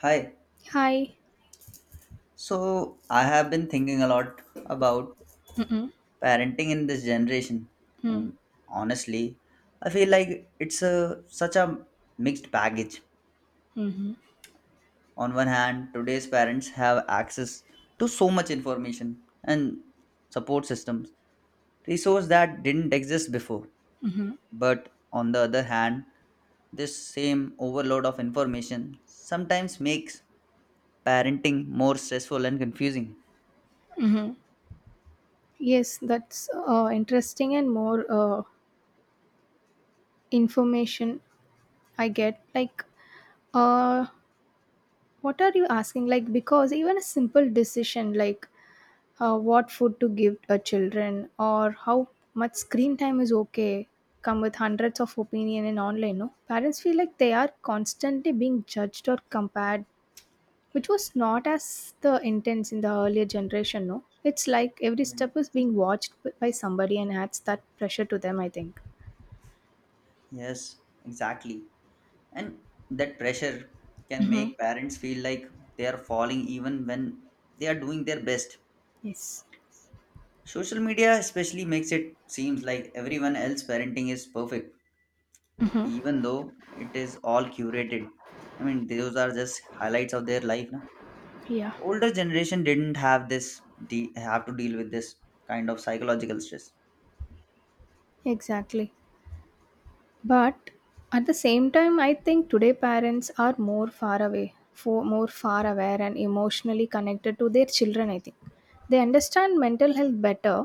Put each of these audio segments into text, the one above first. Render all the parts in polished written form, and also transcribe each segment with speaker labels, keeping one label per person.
Speaker 1: Hi.
Speaker 2: Hi.
Speaker 1: So I have been thinking a lot about
Speaker 2: Mm-mm.
Speaker 1: parenting in this generation. I
Speaker 2: Mm.
Speaker 1: mean, honestly, I feel like it's a such a mixed package.
Speaker 2: Mhm.
Speaker 1: On one hand, today's parents have access to so much information and support systems, resource that didn't exist before.
Speaker 2: Mhm.
Speaker 1: But on the other hand, this same overload of information sometimes makes parenting more stressful and confusing.
Speaker 2: Mhm. Yes, that's interesting and more information I get. Like, uh, what are you asking? Like, because even a simple decision, like what food to give a children or how much screen time is okay, come with hundreds of opinion in online. No, parents feel like they are constantly being judged or compared, which was not as the intense in the earlier generation, no, it's like every
Speaker 1: Yeah.
Speaker 2: step is being watched by somebody and adds that pressure to them, I think.
Speaker 1: Yes, exactly. And that pressure can
Speaker 2: Mm-hmm.
Speaker 1: make parents feel like they are falling even when they are doing their best.
Speaker 2: Yes.
Speaker 1: Social media especially makes it seems like everyone else parenting is perfect,
Speaker 2: Mm-hmm.
Speaker 1: even though it is all curated. I mean, those are just highlights of their life. Na?
Speaker 2: Yeah.
Speaker 1: Older generation didn't have this have to deal with this kind of psychological stress.
Speaker 2: Exactly. But at the same time, I think today parents are more far away for more far aware and emotionally connected to their children, I think. They understand mental health better,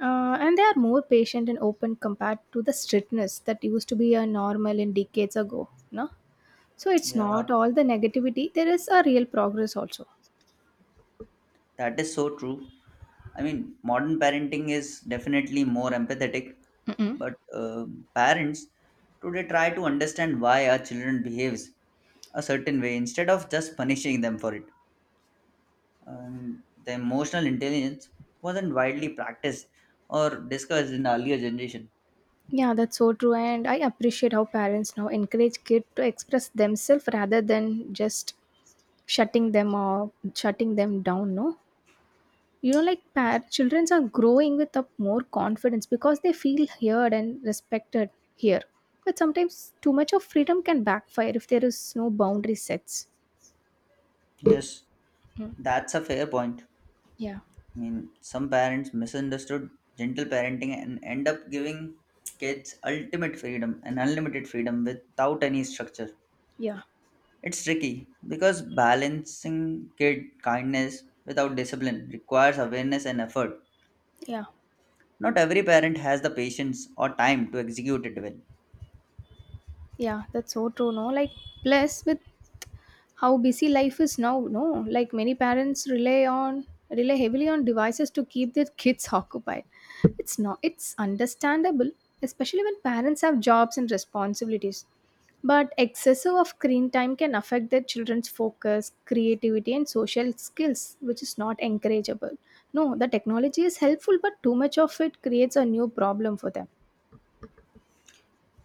Speaker 2: and they are more patient and open compared to the strictness that used to be a normal in decades ago, no. So it's
Speaker 1: Yeah,
Speaker 2: not all the negativity. There is a real progress also.
Speaker 1: that is so true. I mean, modern parenting is definitely more empathetic,
Speaker 2: Mm-mm.
Speaker 1: but parents today try to understand why our children behaves a certain way instead of just punishing them for it. The emotional intelligence wasn't widely practiced or discussed in earlier generation.
Speaker 2: Yeah, that's so true. And I appreciate how parents now encourage kids to express themselves rather than just shutting them or shutting them down. No, like children are growing with up more confidence because they feel heard and respected here. But sometimes too much of freedom can backfire if there is no boundary sets.
Speaker 1: Yes,
Speaker 2: Mm.
Speaker 1: that's a fair point.
Speaker 2: Yeah,
Speaker 1: I mean, some parents misunderstood gentle parenting and end up giving kids ultimate freedom and unlimited freedom without any structure.
Speaker 2: yeah,
Speaker 1: It's tricky because balancing kid kindness without discipline requires awareness and effort.
Speaker 2: yeah,
Speaker 1: Not every parent has the patience or time to execute it well.
Speaker 2: yeah. That's so true. No, like plus with how busy life is now, no, like many parents rely heavily on devices to keep their kids occupied. It's not, it's understandable, especially when parents have jobs and responsibilities, but excessive of screen time can affect their children's focus, creativity, and social skills, which is not encourageable, no. The technology is helpful, but too much of it creates a new problem for them.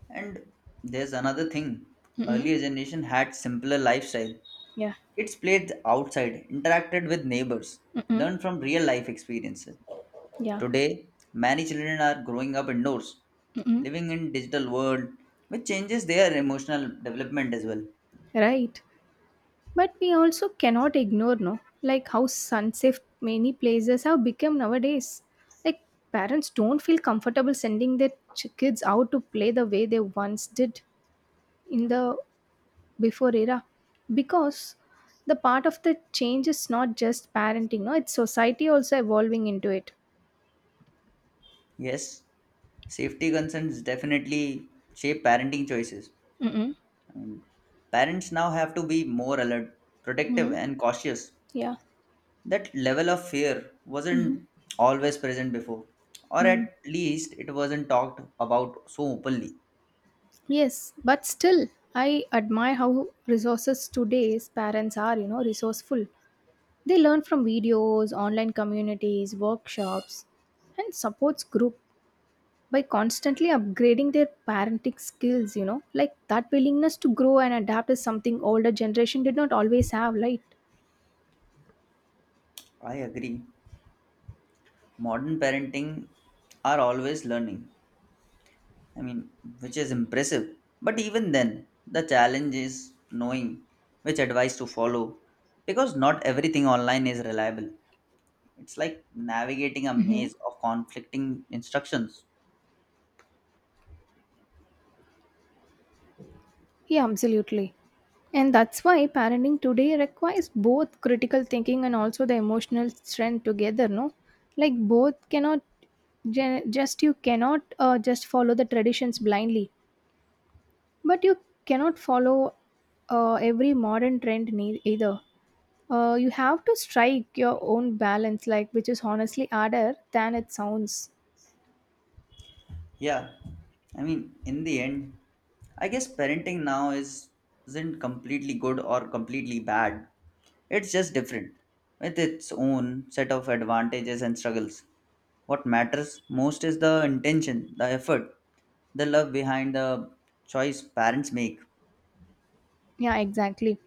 Speaker 1: And there's another thing
Speaker 2: Mm-hmm.
Speaker 1: earlier generation had simpler lifestyle.
Speaker 2: Yeah.
Speaker 1: Kids played outside, interacted with neighbors,
Speaker 2: Mm-hmm.
Speaker 1: learned from real life experiences.
Speaker 2: Yeah.
Speaker 1: Today, many children are growing up indoors,
Speaker 2: Mm-hmm.
Speaker 1: living in digital world which changes their emotional development as well.
Speaker 2: Right. But we also cannot ignore, no, like how unsafe many places have become nowadays. Like parents don't feel comfortable sending their kids out to play the way they once did in the before era, because the part of the change is not just parenting, no, it's society also evolving into it.
Speaker 1: Yes, safety concerns definitely shape parenting choices.
Speaker 2: Mm-mm.
Speaker 1: I Parents now have to be more alert, protective
Speaker 2: Mm-hmm.
Speaker 1: and cautious.
Speaker 2: Yeah.
Speaker 1: That level of fear
Speaker 2: Mm-hmm.
Speaker 1: wasn't always present before or
Speaker 2: Mm.
Speaker 1: at least it wasn't talked about so openly.
Speaker 2: Yes, but still, I admire how resources today's parents are, resourceful. They learn from videos, online communities, workshops, and supports group by constantly upgrading their parenting skills. Like that willingness to grow and adapt is something older generation did not always have, right?
Speaker 1: I agree. Modern parenting are always learning, I mean, which is impressive. But even then, the challenge is knowing which advice to follow because not everything online is reliable. It's like navigating a
Speaker 2: Hmm.
Speaker 1: maze of conflicting instructions.
Speaker 2: Yeah, absolutely. And that's why parenting today requires both critical thinking and also the emotional strength together, no? Like both cannot just, you cannot just follow the traditions blindly, but you cannot follow every modern trend either. You have to strike your own balance, like, which is honestly harder than it sounds.
Speaker 1: Yeah, I mean, in the end, I guess parenting now is isn't completely good or completely bad. It's just different with its own set of advantages and struggles. What matters most is the intention, the effort, the love behind the choice parents make.
Speaker 2: Yeah, exactly.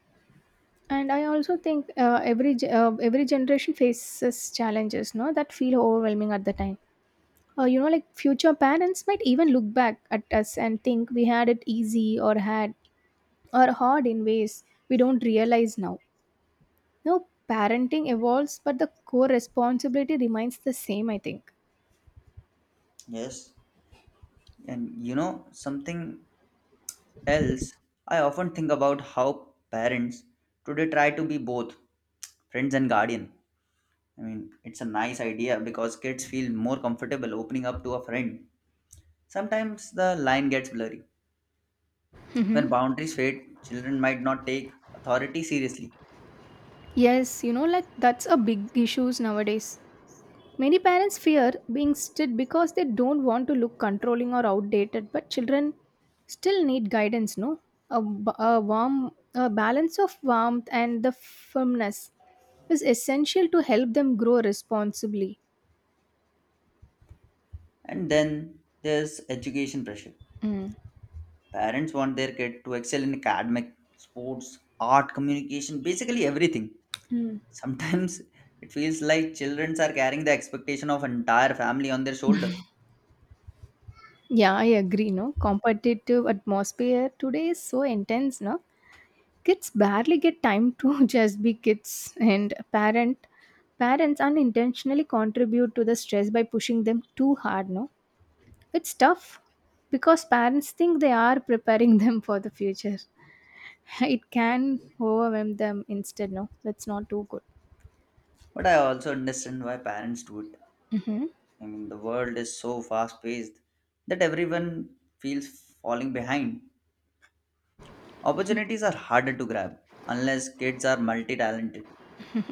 Speaker 2: And I also think every generation faces challenges, no, that feel overwhelming at the time. Like future parents might even look back at us and think we had it easy or hard in ways we don't realize now. No, parenting evolves, but the core responsibility remains the same, I think.
Speaker 1: Yes. And you know, something else, I often think about how parents today try to be both friends and guardian. I mean, it's a nice idea because kids feel more comfortable opening up to a friend. Sometimes the line gets blurry.
Speaker 2: Hmm.
Speaker 1: When boundaries fade, children might not take authority seriously.
Speaker 2: Yes, like that's a big issues nowadays. Many parents fear being strict because they don't want to look controlling or outdated, but children still need guidance, no? A balance of warmth and the firmness is essential to help them grow responsibly.
Speaker 1: And then there's education pressure.
Speaker 2: Mm.
Speaker 1: Parents want their kid to excel in academic, sports, art, communication, basically everything.
Speaker 2: Mm.
Speaker 1: Sometimes it feels like children are carrying the expectation of entire family on their shoulder.
Speaker 2: Yeah, I agree. No, competitive atmosphere today is so intense. No, kids barely get time to just be kids, and parents unintentionally contribute to the stress by pushing them too hard, no. It's tough because parents think they are preparing them for the future. It can overwhelm them instead, no, that's not too good.
Speaker 1: But I also understand why parents do it.
Speaker 2: Hmm.
Speaker 1: I mean, the world is so fast paced that everyone feels falling behind. Opportunities are harder to grab unless kids are multi talented.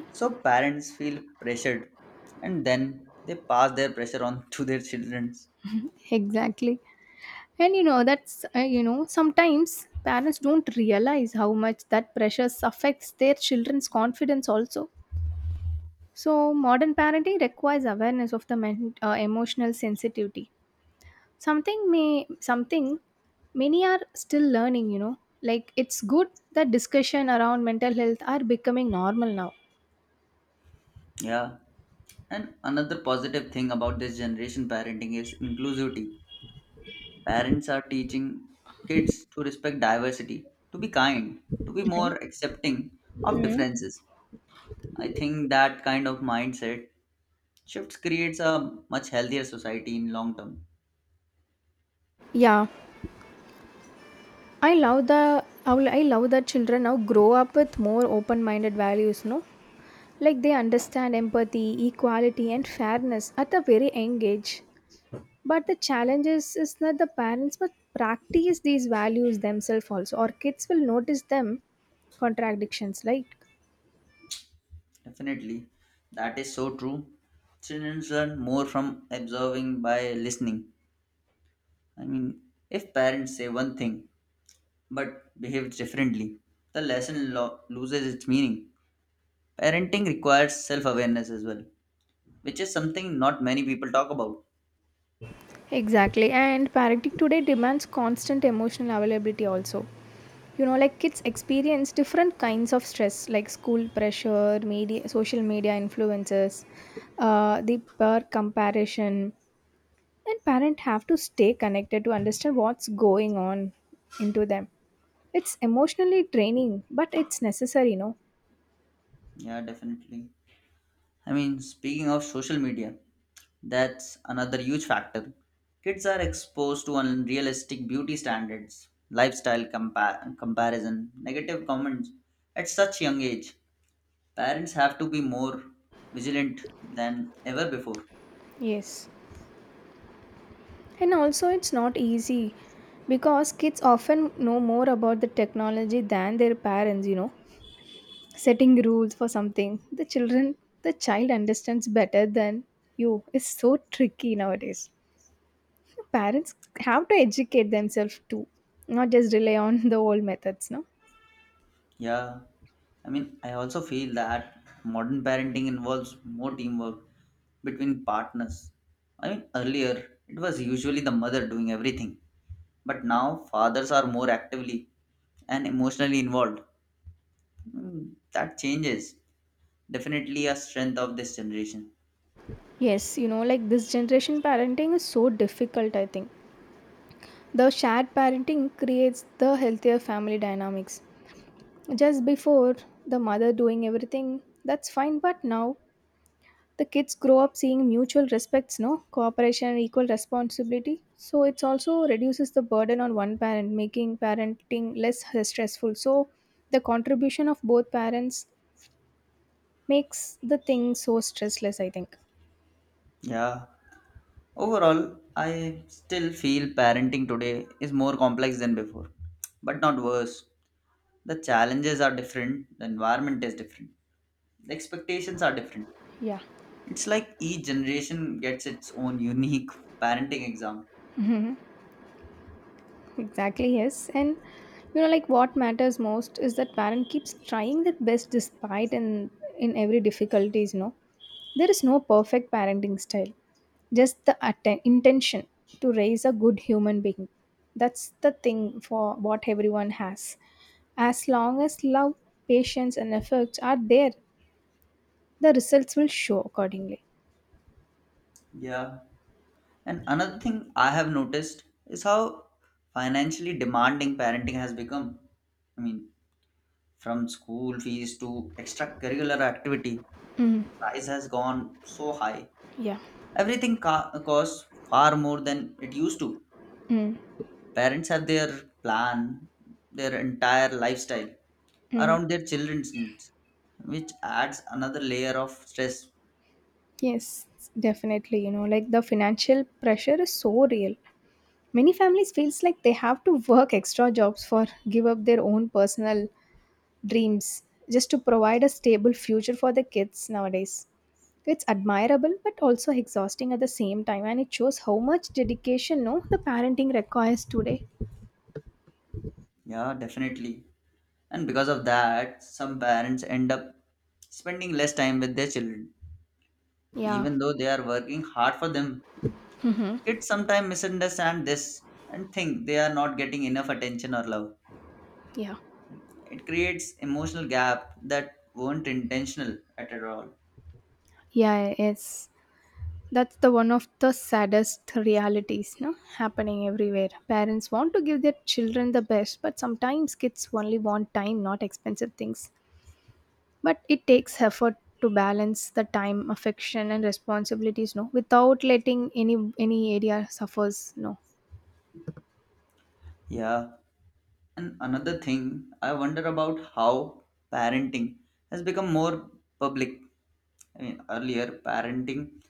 Speaker 1: So parents feel pressured and then they pass their pressure on to their children.
Speaker 2: Exactly. And that's sometimes parents don't realize how much that pressure affects their children's confidence also. So, modern parenting requires awareness of the emotional sensitivity. Something many are still learning. You know, like it's good that discussion around mental health are becoming normal now.
Speaker 1: Yeah. And another positive thing about this generation parenting is inclusivity. Parents are teaching kids to respect diversity, to be kind, to be more accepting of
Speaker 2: Mm.
Speaker 1: differences. I think that kind of mindset shifts creates a much healthier society in long term.
Speaker 2: Yeah, I love the I will- I love that children now grow up with more open-minded values. No, like they understand empathy, equality, and fairness at a very young age. But the challenge is that the parents must practice these values themselves also, or kids will notice them contradictions, right?
Speaker 1: Definitely, that is so true. Children learn more from observing by listening. I mean, if parents say one thing but behave differently, the lesson loses its meaning. Parenting requires self awareness as well, which is something not many people talk about.
Speaker 2: Exactly. And parenting today demands constant emotional availability also. You know, like kids experience different kinds of stress, like school pressure, social media influences, the peer comparison, and parents have to stay connected to understand what's going on into them. It's emotionally draining, but it's necessary.
Speaker 1: Yeah, definitely. I mean, speaking of social media, that's another huge factor. Kids are exposed to unrealistic beauty standards, lifestyle comparison, negative comments at such young age. Parents have to be more vigilant than ever before.
Speaker 2: Yes. And also it's not easy because kids often know more about the technology than their parents. Setting rules for something the child understands better than you is so tricky nowadays. Parents have to educate themselves too, not just rely on the old methods, no.
Speaker 1: Yeah, I mean, I also feel that modern parenting involves more teamwork between partners. I mean, earlier it was usually the mother doing everything. But now fathers are more actively and emotionally involved. Mm, that changes. Definitely a strength of this generation.
Speaker 2: Yes, like this generation parenting is so difficult, I think. The shared parenting creates the healthier family dynamics. Just before, the mother doing everything, that's fine, but now the kids grow up seeing mutual respects, no? Cooperation and equal responsibility. So it's also reduces the burden on one parent, making parenting less stressful. So the contribution of both parents makes the thing so stressless, I think.
Speaker 1: Yeah. Overall, I still feel parenting today is more complex than before, but not worse. The challenges are different, the environment is different, the expectations are different.
Speaker 2: Yeah.
Speaker 1: It's like each generation gets its own unique parenting exam.
Speaker 2: Exactly, yes. And like what matters most is that parent keeps trying their best despite in every difficulties. There is no perfect parenting style, just the intention to raise a good human being. That's the thing for what everyone has. As long as love, patience, and efforts are there, the results will show accordingly.
Speaker 1: Yeah. And another thing I have noticed is how financially demanding parenting has become. I mean, from school fees to extracurricular activity,
Speaker 2: Mm,
Speaker 1: price has gone so high.
Speaker 2: yeah.
Speaker 1: Everything costs far more than it used to.
Speaker 2: Mm.
Speaker 1: Parents have their plan, their entire lifestyle
Speaker 2: Mm.
Speaker 1: around their children's needs, which adds another layer of stress.
Speaker 2: Yes, definitely. You know, like the financial pressure is so real. Many families feels like they have to work extra jobs for give up their own personal dreams just to provide a stable future for the kids nowadays. It's admirable, but also exhausting at the same time, and it shows how much dedication, no, the parenting requires today.
Speaker 1: Yeah, definitely. And because of that, some parents end up spending less time with their children,
Speaker 2: Yeah.
Speaker 1: even though they are working hard for them.
Speaker 2: Mm-hmm.
Speaker 1: Kids sometimes misunderstand this and think they are not getting enough attention or love.
Speaker 2: Yeah.
Speaker 1: It creates emotional gap that weren't intentional at all.
Speaker 2: Yeah, yes. That's the one of the saddest realities, no? Happening everywhere. Parents want to give their children the best, but sometimes kids only want time, not expensive things. But it takes effort to balance the time, affection, and responsibilities, no, without letting any area suffers, no.
Speaker 1: Yeah. And another thing, I wonder about how parenting has become more public. I mean, earlier parenting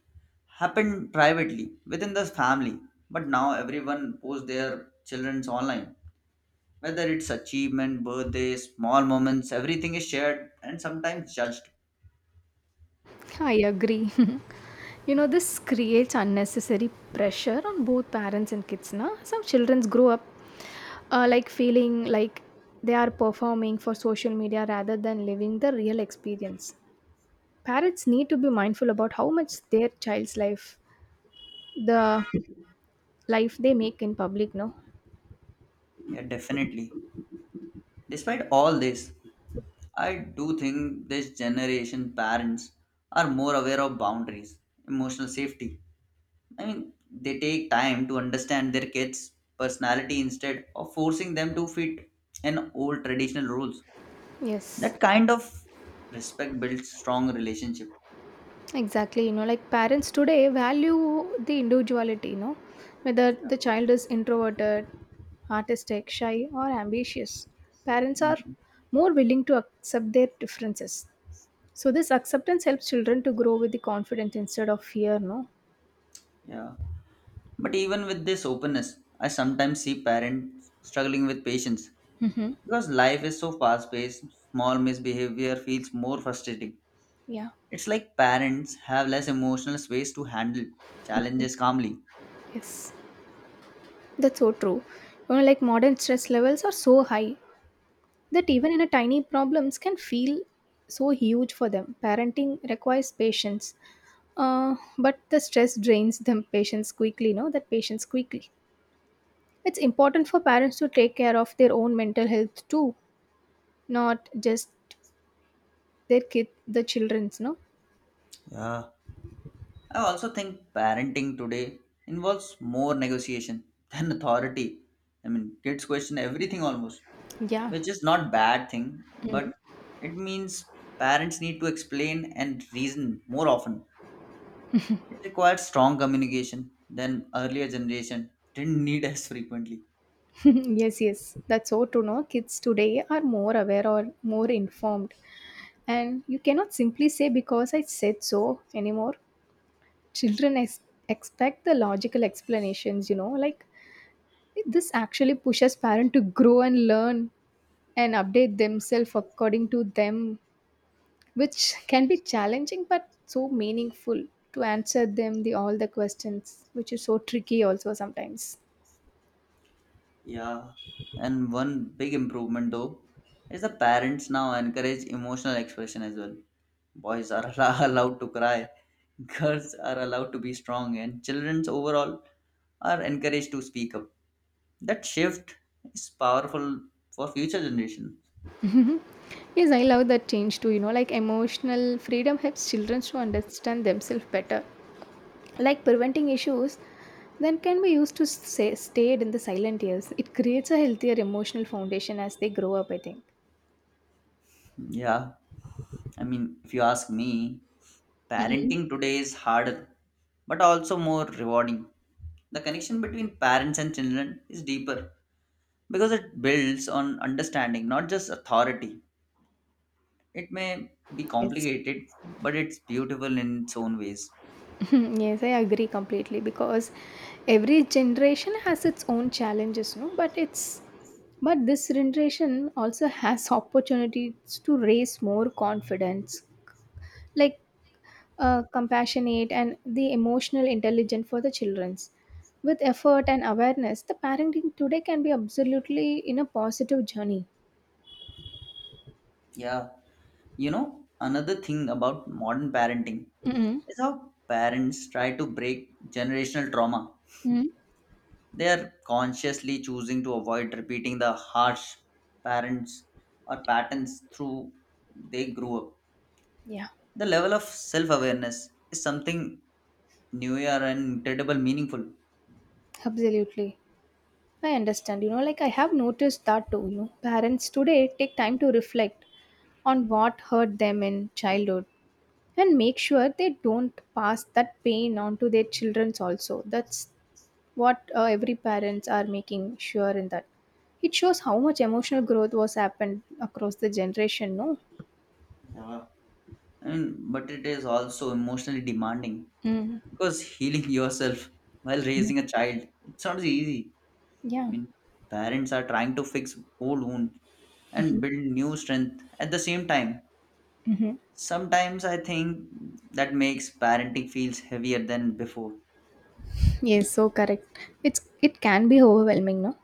Speaker 1: happened privately within the family, but now everyone posts their children's online. Whether it's achievement, birthdays, small moments, everything is shared and sometimes judged.
Speaker 2: I agree. This creates unnecessary pressure on both parents and kids. Na? Some children grow up like feeling like they are performing for social media rather than living the real experience. Parents need to be mindful about how much their child's life, the life they make in public, no?
Speaker 1: Yeah, definitely. Despite all this, I do think this generation parents are more aware of boundaries, emotional safety. I mean, they take time to understand their kids' personality instead of forcing them to fit in old traditional rules.
Speaker 2: Yes.
Speaker 1: That kind of respect builds strong relationship.
Speaker 2: Exactly, like parents today value the individuality, whether
Speaker 1: Yeah.
Speaker 2: the child is introverted, artistic, shy, or ambitious. Parents are
Speaker 1: Mm.
Speaker 2: more willing to accept their differences. So, this acceptance helps children to grow with the confidence instead of fear, no?
Speaker 1: Yeah. But even with this openness, I sometimes see parents struggling with patience
Speaker 2: Mm-hmm.
Speaker 1: because life is so fast paced, small misbehavior feels more frustrating.
Speaker 2: Yeah,
Speaker 1: It's like parents have less emotional space to handle challenges calmly.
Speaker 2: yes, that's so true. You know, like modern stress levels are so high that even in a tiny problems can feel so huge for them. Parenting requires patience. But the stress drains them patients quickly, no? That patients quickly. It's important for parents to take care of their own mental health too, not just their kid, the children's, no?
Speaker 1: Yeah. I also think parenting today involves more negotiation than authority. I mean, kids question everything almost.
Speaker 2: Yeah.
Speaker 1: Which is not bad thing
Speaker 2: Mm.
Speaker 1: but it means parents need to explain and reason more often. It requires strong communication than earlier generation didn't need as frequently.
Speaker 2: Yes, yes, that's so true. No, kids today are more aware or more informed, and you cannot simply say because I said so anymore. Children expect the logical explanations, like this actually pushes parent to grow and learn and update themselves according to them, which can be challenging but so meaningful to answer them the all the questions, which is so tricky also sometimes.
Speaker 1: Yeah, and one big improvement though is the parents now encourage emotional expression as well. Boys are allowed to cry, girls are allowed to be strong and children's overall are encouraged to speak up. That shift is powerful for future generation.
Speaker 2: Yes, I love that change too. Like emotional freedom helps children to understand themselves better, like preventing issues then can be used to say, stayed in the silent years. It creates a healthier emotional foundation as they grow up, I think.
Speaker 1: Yeah, I mean, if you ask me,
Speaker 2: Mhm.
Speaker 1: parenting today is harder, but also more rewarding. The connection between parents and children is deeper because it builds on understanding, not just authority. It may be
Speaker 2: Yes.
Speaker 1: complicated, but it's beautiful in its own ways.
Speaker 2: Hmm. Yes, I agree completely because every generation has its own challenges, no? But this generation also has opportunities to raise more confidence, like, compassionate and the emotional intelligence for the childrens. With effort and awareness, the parenting today can be absolutely in a positive journey.
Speaker 1: Yeah, you know, another thing about modern parenting
Speaker 2: Mm-hmm.
Speaker 1: is how parents try to break generational trauma. They are consciously choosing to avoid repeating the harsh parents or patterns through they grew up.
Speaker 2: Yeah,
Speaker 1: The level of self-awareness is something new year and incredible meaningful.
Speaker 2: absolutely. I understand. You know, like I have noticed that too. You know, parents today take time to reflect on what hurt them in childhood and make sure they don't pass that pain on to their children also. That's what every parents are making sure in that. It shows how much emotional growth was happened across the generation, no?
Speaker 1: And, but it is also emotionally demanding
Speaker 2: Mm.
Speaker 1: because healing yourself while raising a child it's not easy. I
Speaker 2: Yeah.
Speaker 1: mean, parents are trying to fix old wounds and build new strength at the same time.
Speaker 2: Mm-hmm.
Speaker 1: Sometimes I think that makes parenting feels heavier than before.
Speaker 2: Yes, so correct. It can be overwhelming, no?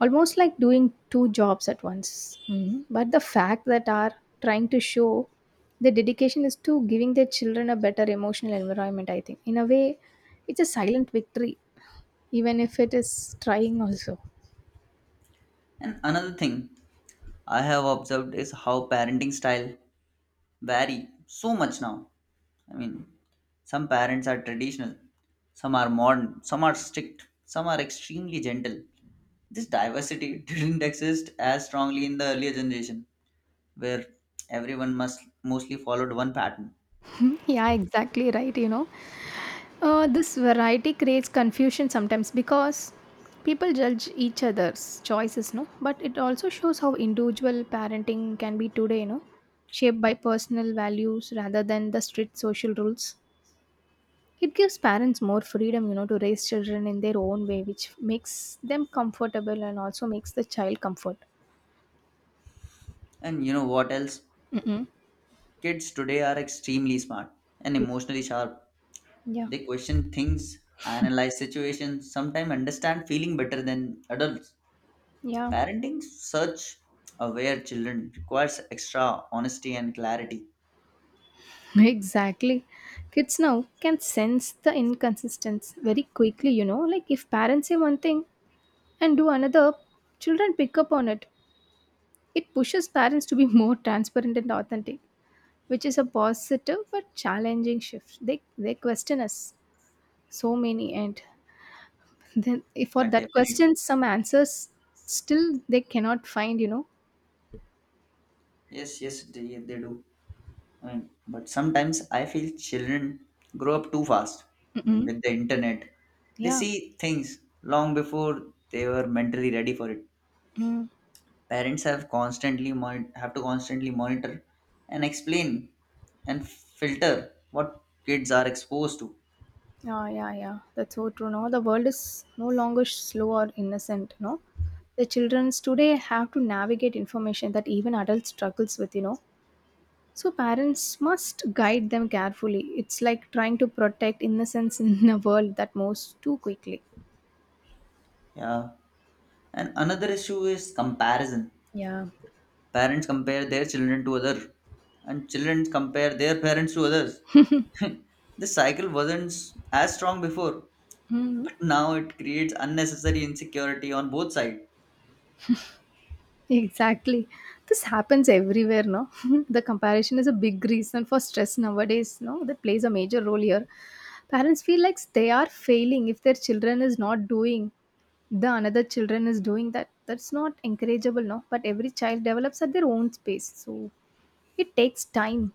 Speaker 2: Almost like doing two jobs at once. Mhm. But the fact that are trying to show the dedication is to giving their children a better emotional environment, I think. In a way, it's a silent victory, even if it is trying also.
Speaker 1: And another thing I have observed is how parenting style vary so much now. I mean, some parents are traditional, some are modern, some are strict, some are extremely gentle. This diversity didn't exist as strongly in the earlier generation, where everyone must mostly followed one pattern.
Speaker 2: Hmm, yeah, exactly right. This variety creates confusion sometimes because people judge each other's choices, no? But it also shows how individual parenting can be today, shaped by personal values rather than the strict social rules. It gives parents more freedom, to raise children in their own way, which makes them comfortable and also makes the child comfort.
Speaker 1: And you know what else?
Speaker 2: Mm-mm.
Speaker 1: Kids today are extremely smart and emotionally sharp.
Speaker 2: Yeah.
Speaker 1: They question things, analyze situations, sometimes understand feeling better than adults.
Speaker 2: Yeah,
Speaker 1: Parenting such aware children requires extra honesty and clarity.
Speaker 2: yeah, exactly. Kids now can sense the inconsistency very quickly. Like if parents say one thing and do another, children pick up on it. It pushes parents to be more transparent and authentic, which is a positive but challenging shift. They question us so many, and then if for
Speaker 1: Yeah,
Speaker 2: that
Speaker 1: definitely.
Speaker 2: question, some answers still they cannot find.
Speaker 1: Yes, yes, they do. I mean, but sometimes I feel children grow up too fast. I mean,
Speaker 2: Mm-mm.
Speaker 1: with the internet, they
Speaker 2: Yeah.
Speaker 1: see things long before they were mentally ready for it.
Speaker 2: Mm.
Speaker 1: Parents have constantly have to constantly monitor and explain and filter what kids are exposed to.
Speaker 2: Yeah, yeah, yeah. That's so true. No, the world is no longer slow or innocent. No, the children today have to navigate information that even adults struggles with. So parents must guide them carefully. It's like trying to protect innocence in a world that moves too quickly.
Speaker 1: Yeah. And another issue is comparison.
Speaker 2: Yeah.
Speaker 1: Parents compare their children to other and children compare their parents to others. This cycle wasn't as strong before,
Speaker 2: Hmm.
Speaker 1: but now it creates unnecessary insecurity on both sides.
Speaker 2: Exactly. This happens everywhere, no? the comparison is a big reason for stress nowadays, no? That plays a major role here. Parents feel like they are failing if their children is not doing the another children is doing that. That's not encourageable, no? But every child develops at their own pace. So it takes time.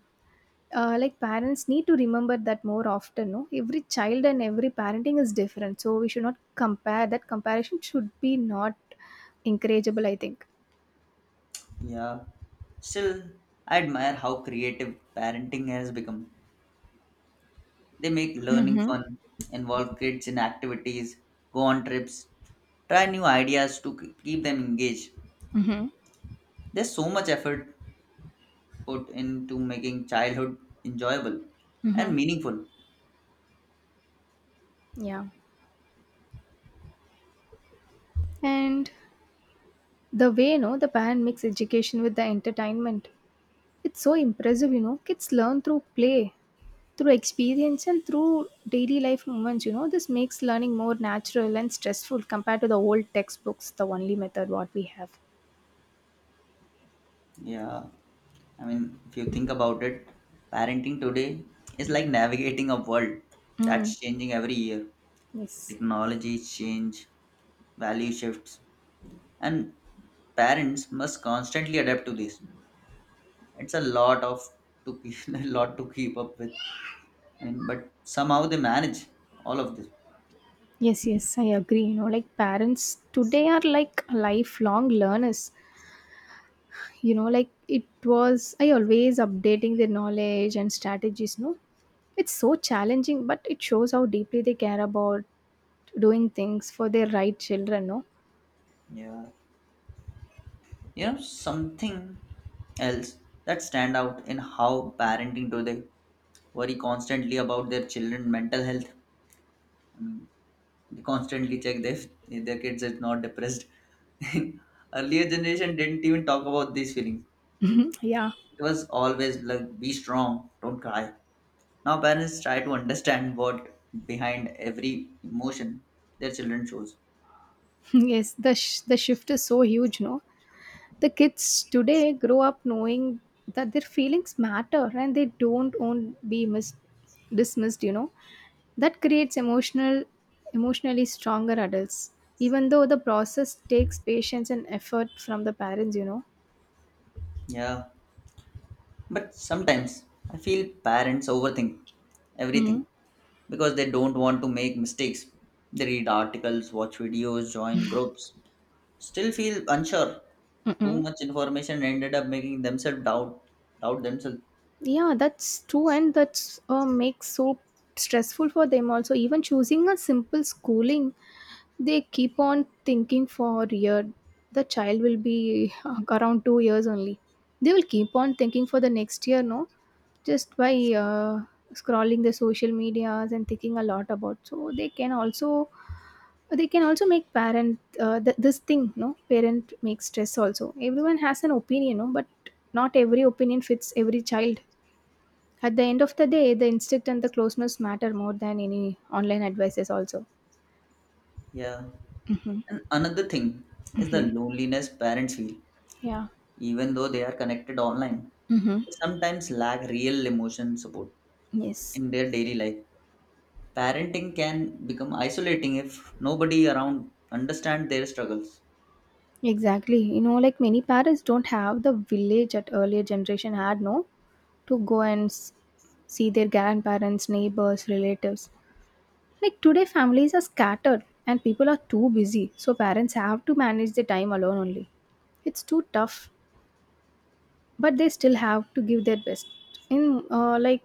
Speaker 2: Like parents need to remember that more often, no? Every child and every parenting is different. So we should not compare. That comparison should be not encourageable, I think.
Speaker 1: Yeah. Still, I admire how creative parenting has become. They make learning fun, involve kids in activities, go on trips, try new ideas to keep them engaged.
Speaker 2: Mhm.
Speaker 1: There's so much effort put into making childhood enjoyable
Speaker 2: Hmm.
Speaker 1: and meaningful.
Speaker 2: Yeah. And the way, the band makes education with the entertainment. It's so impressive, Kids learn through play, through experience, and through daily life moments. This makes learning more natural and stressful compared to the old textbooks, the only method what we have.
Speaker 1: Yeah, I mean, if you think about it, parenting today is like navigating a world
Speaker 2: Mm.
Speaker 1: that's changing every year.
Speaker 2: Yes.
Speaker 1: Technologies change, value shifts, and parents must constantly adapt to this. It's a lot of to keep, a lot to keep up with, and but somehow they manage all of this.
Speaker 2: Yes, yes, I agree. Parents today are like lifelong learners. It was I always updating their knowledge and strategies, no? It's so challenging, but it shows how deeply they care about doing things for their right children, no?
Speaker 1: Yeah, you know something else that stand out in how parenting today worry constantly about their children mental health. They constantly check if their kids is not depressed. Earlier generation didn't even talk about these feelings.
Speaker 2: Yeah.
Speaker 1: It was always like be strong, don't cry. Now parents try to understand what behind every emotion their children shows.
Speaker 2: yes, the shift is so huge, no? The kids today grow up knowing that their feelings matter and they don't own be dismissed, you know. That creates emotionally stronger adults, even though the process takes patience and effort from the parents, you know.
Speaker 1: Yeah, but sometimes I feel parents overthink
Speaker 2: Mm,
Speaker 1: everything because they don't want to make mistakes. They read articles, watch videos, join groups, still feel unsure. Too
Speaker 2: mm-mm.
Speaker 1: much information ended up making themselves doubt themselves.
Speaker 2: Yeah, that's true, and that's makes so stressful for them also. Even choosing a simple schooling, they keep on thinking for a year. The child will be around 2 years only. They will keep on thinking for the next year, no? Just by uh, scrolling the social medias and thinking a lot about. So they can also make parent this thing, no? Parent makes stress also. Everyone has an opinion, no? But not every opinion fits every child. At the end of the day, the instinct and the closeness matter more than any online advices also.
Speaker 1: Yeah.
Speaker 2: Mm-hmm.
Speaker 1: And another thing is the
Speaker 2: Mm-hmm.
Speaker 1: loneliness parents feel,
Speaker 2: Yeah.
Speaker 1: even though they are connected online.
Speaker 2: Mm-hmm.
Speaker 1: They sometimes lack real emotion support
Speaker 2: Yes,
Speaker 1: in their daily life. Parenting can become isolating if nobody around understand their struggles.
Speaker 2: exactly. Many parents don't have the village at earlier generation had, no? To go and see their grandparents, neighbors, relatives. Like today, families are scattered and people are too busy, so parents have to manage their time alone only. It's too tough, but they still have to give their best. In uh, like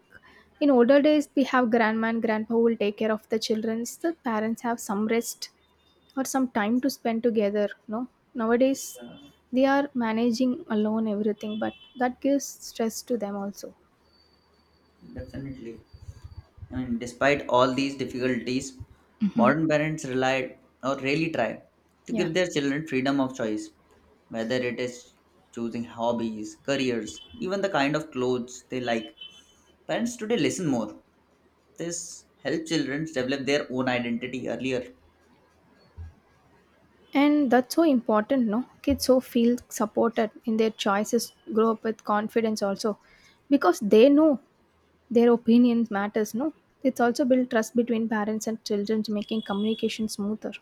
Speaker 2: in older days, we have grandma and grandpa who will take care of the children. The parents have some rest or some time to spend together. No, nowadays they are managing alone everything, but that gives stress to them also.
Speaker 1: Definitely. I mean, despite all these difficulties,
Speaker 2: Hmm.
Speaker 1: modern parents rely or really try to
Speaker 2: Yeah.
Speaker 1: give their children freedom of choice, whether it is choosing hobbies, careers, even the kind of clothes they like. Parents today listen more. This helps children develop their own identity earlier.
Speaker 2: And that's so important, no? Kids so feel supported in their choices, grow up with confidence also, because they know their opinion matters, no? It's also build trust between parents and children, making communication smoother.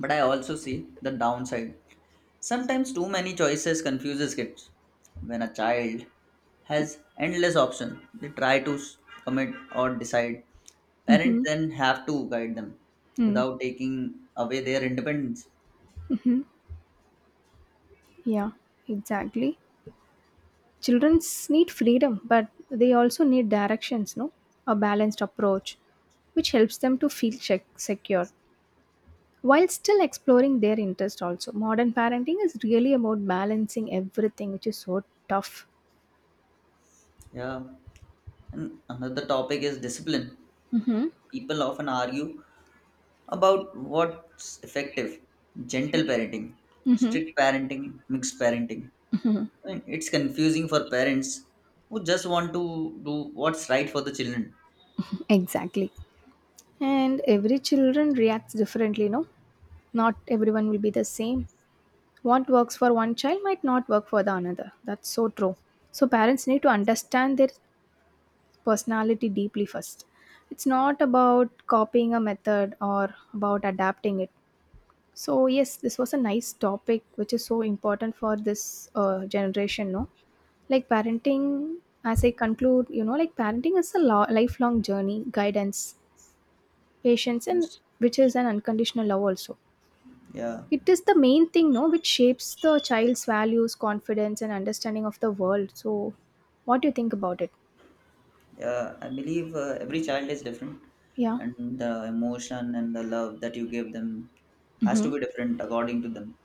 Speaker 1: But I also see the downside. Sometimes too many choices confuses kids. When a child has endless options, they try to commit or decide. Parents
Speaker 2: Mm-hmm.
Speaker 1: then have to guide them
Speaker 2: Mm.
Speaker 1: without taking away their independence.
Speaker 2: Yeah, exactly. Children need freedom, but they also need directions, no? A balanced approach, which helps them to feel secure, while still exploring their interest also. Modern parenting is really about balancing everything, which is so tough.
Speaker 1: Yeah. And another topic is discipline.
Speaker 2: Hmm.
Speaker 1: People often argue about what's effective gentle parenting,
Speaker 2: Hmm.
Speaker 1: strict parenting, mixed parenting. I mean, it's confusing for parents who just want to do what's right for the children.
Speaker 2: Exactly. And every children reacts differently, no? Not everyone will be the same. What works for one child might not work for the another. That's so true. So parents need to understand their personality deeply first. It's not about copying a method or about adapting it. So yes, this was a nice topic, which is so important for this generation. No, like parenting. As I conclude, parenting is a lifelong journey, guidance, patience, and which is an unconditional love also.
Speaker 1: Yeah,
Speaker 2: It is the main thing, no, which shapes the child's values, confidence, and understanding of the world. So, what do you think about it?
Speaker 1: yeah. I believe every child is different,
Speaker 2: Yeah.
Speaker 1: and the emotion and the love that you give them has to
Speaker 2: Mm-hmm.
Speaker 1: be different according to them.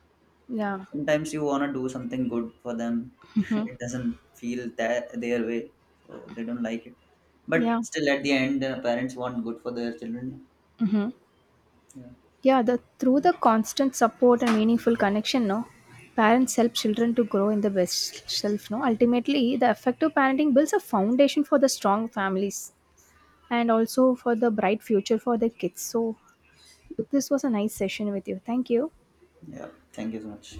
Speaker 2: Yeah.
Speaker 1: Sometimes you wanna do something good for them, it doesn't feel that their way, so they don't like it.
Speaker 2: Yeah.
Speaker 1: But still, at the end, parents want good for their children.
Speaker 2: Mhm.
Speaker 1: Yeah,
Speaker 2: Yeah, the through the constant support and meaningful connection, no, parents help children to grow in the best self. No, ultimately, the effective parenting builds a foundation for the strong families and also for the bright future for the kids. So, this was a nice session with you. Thank you.
Speaker 1: yeah. Thank you so much.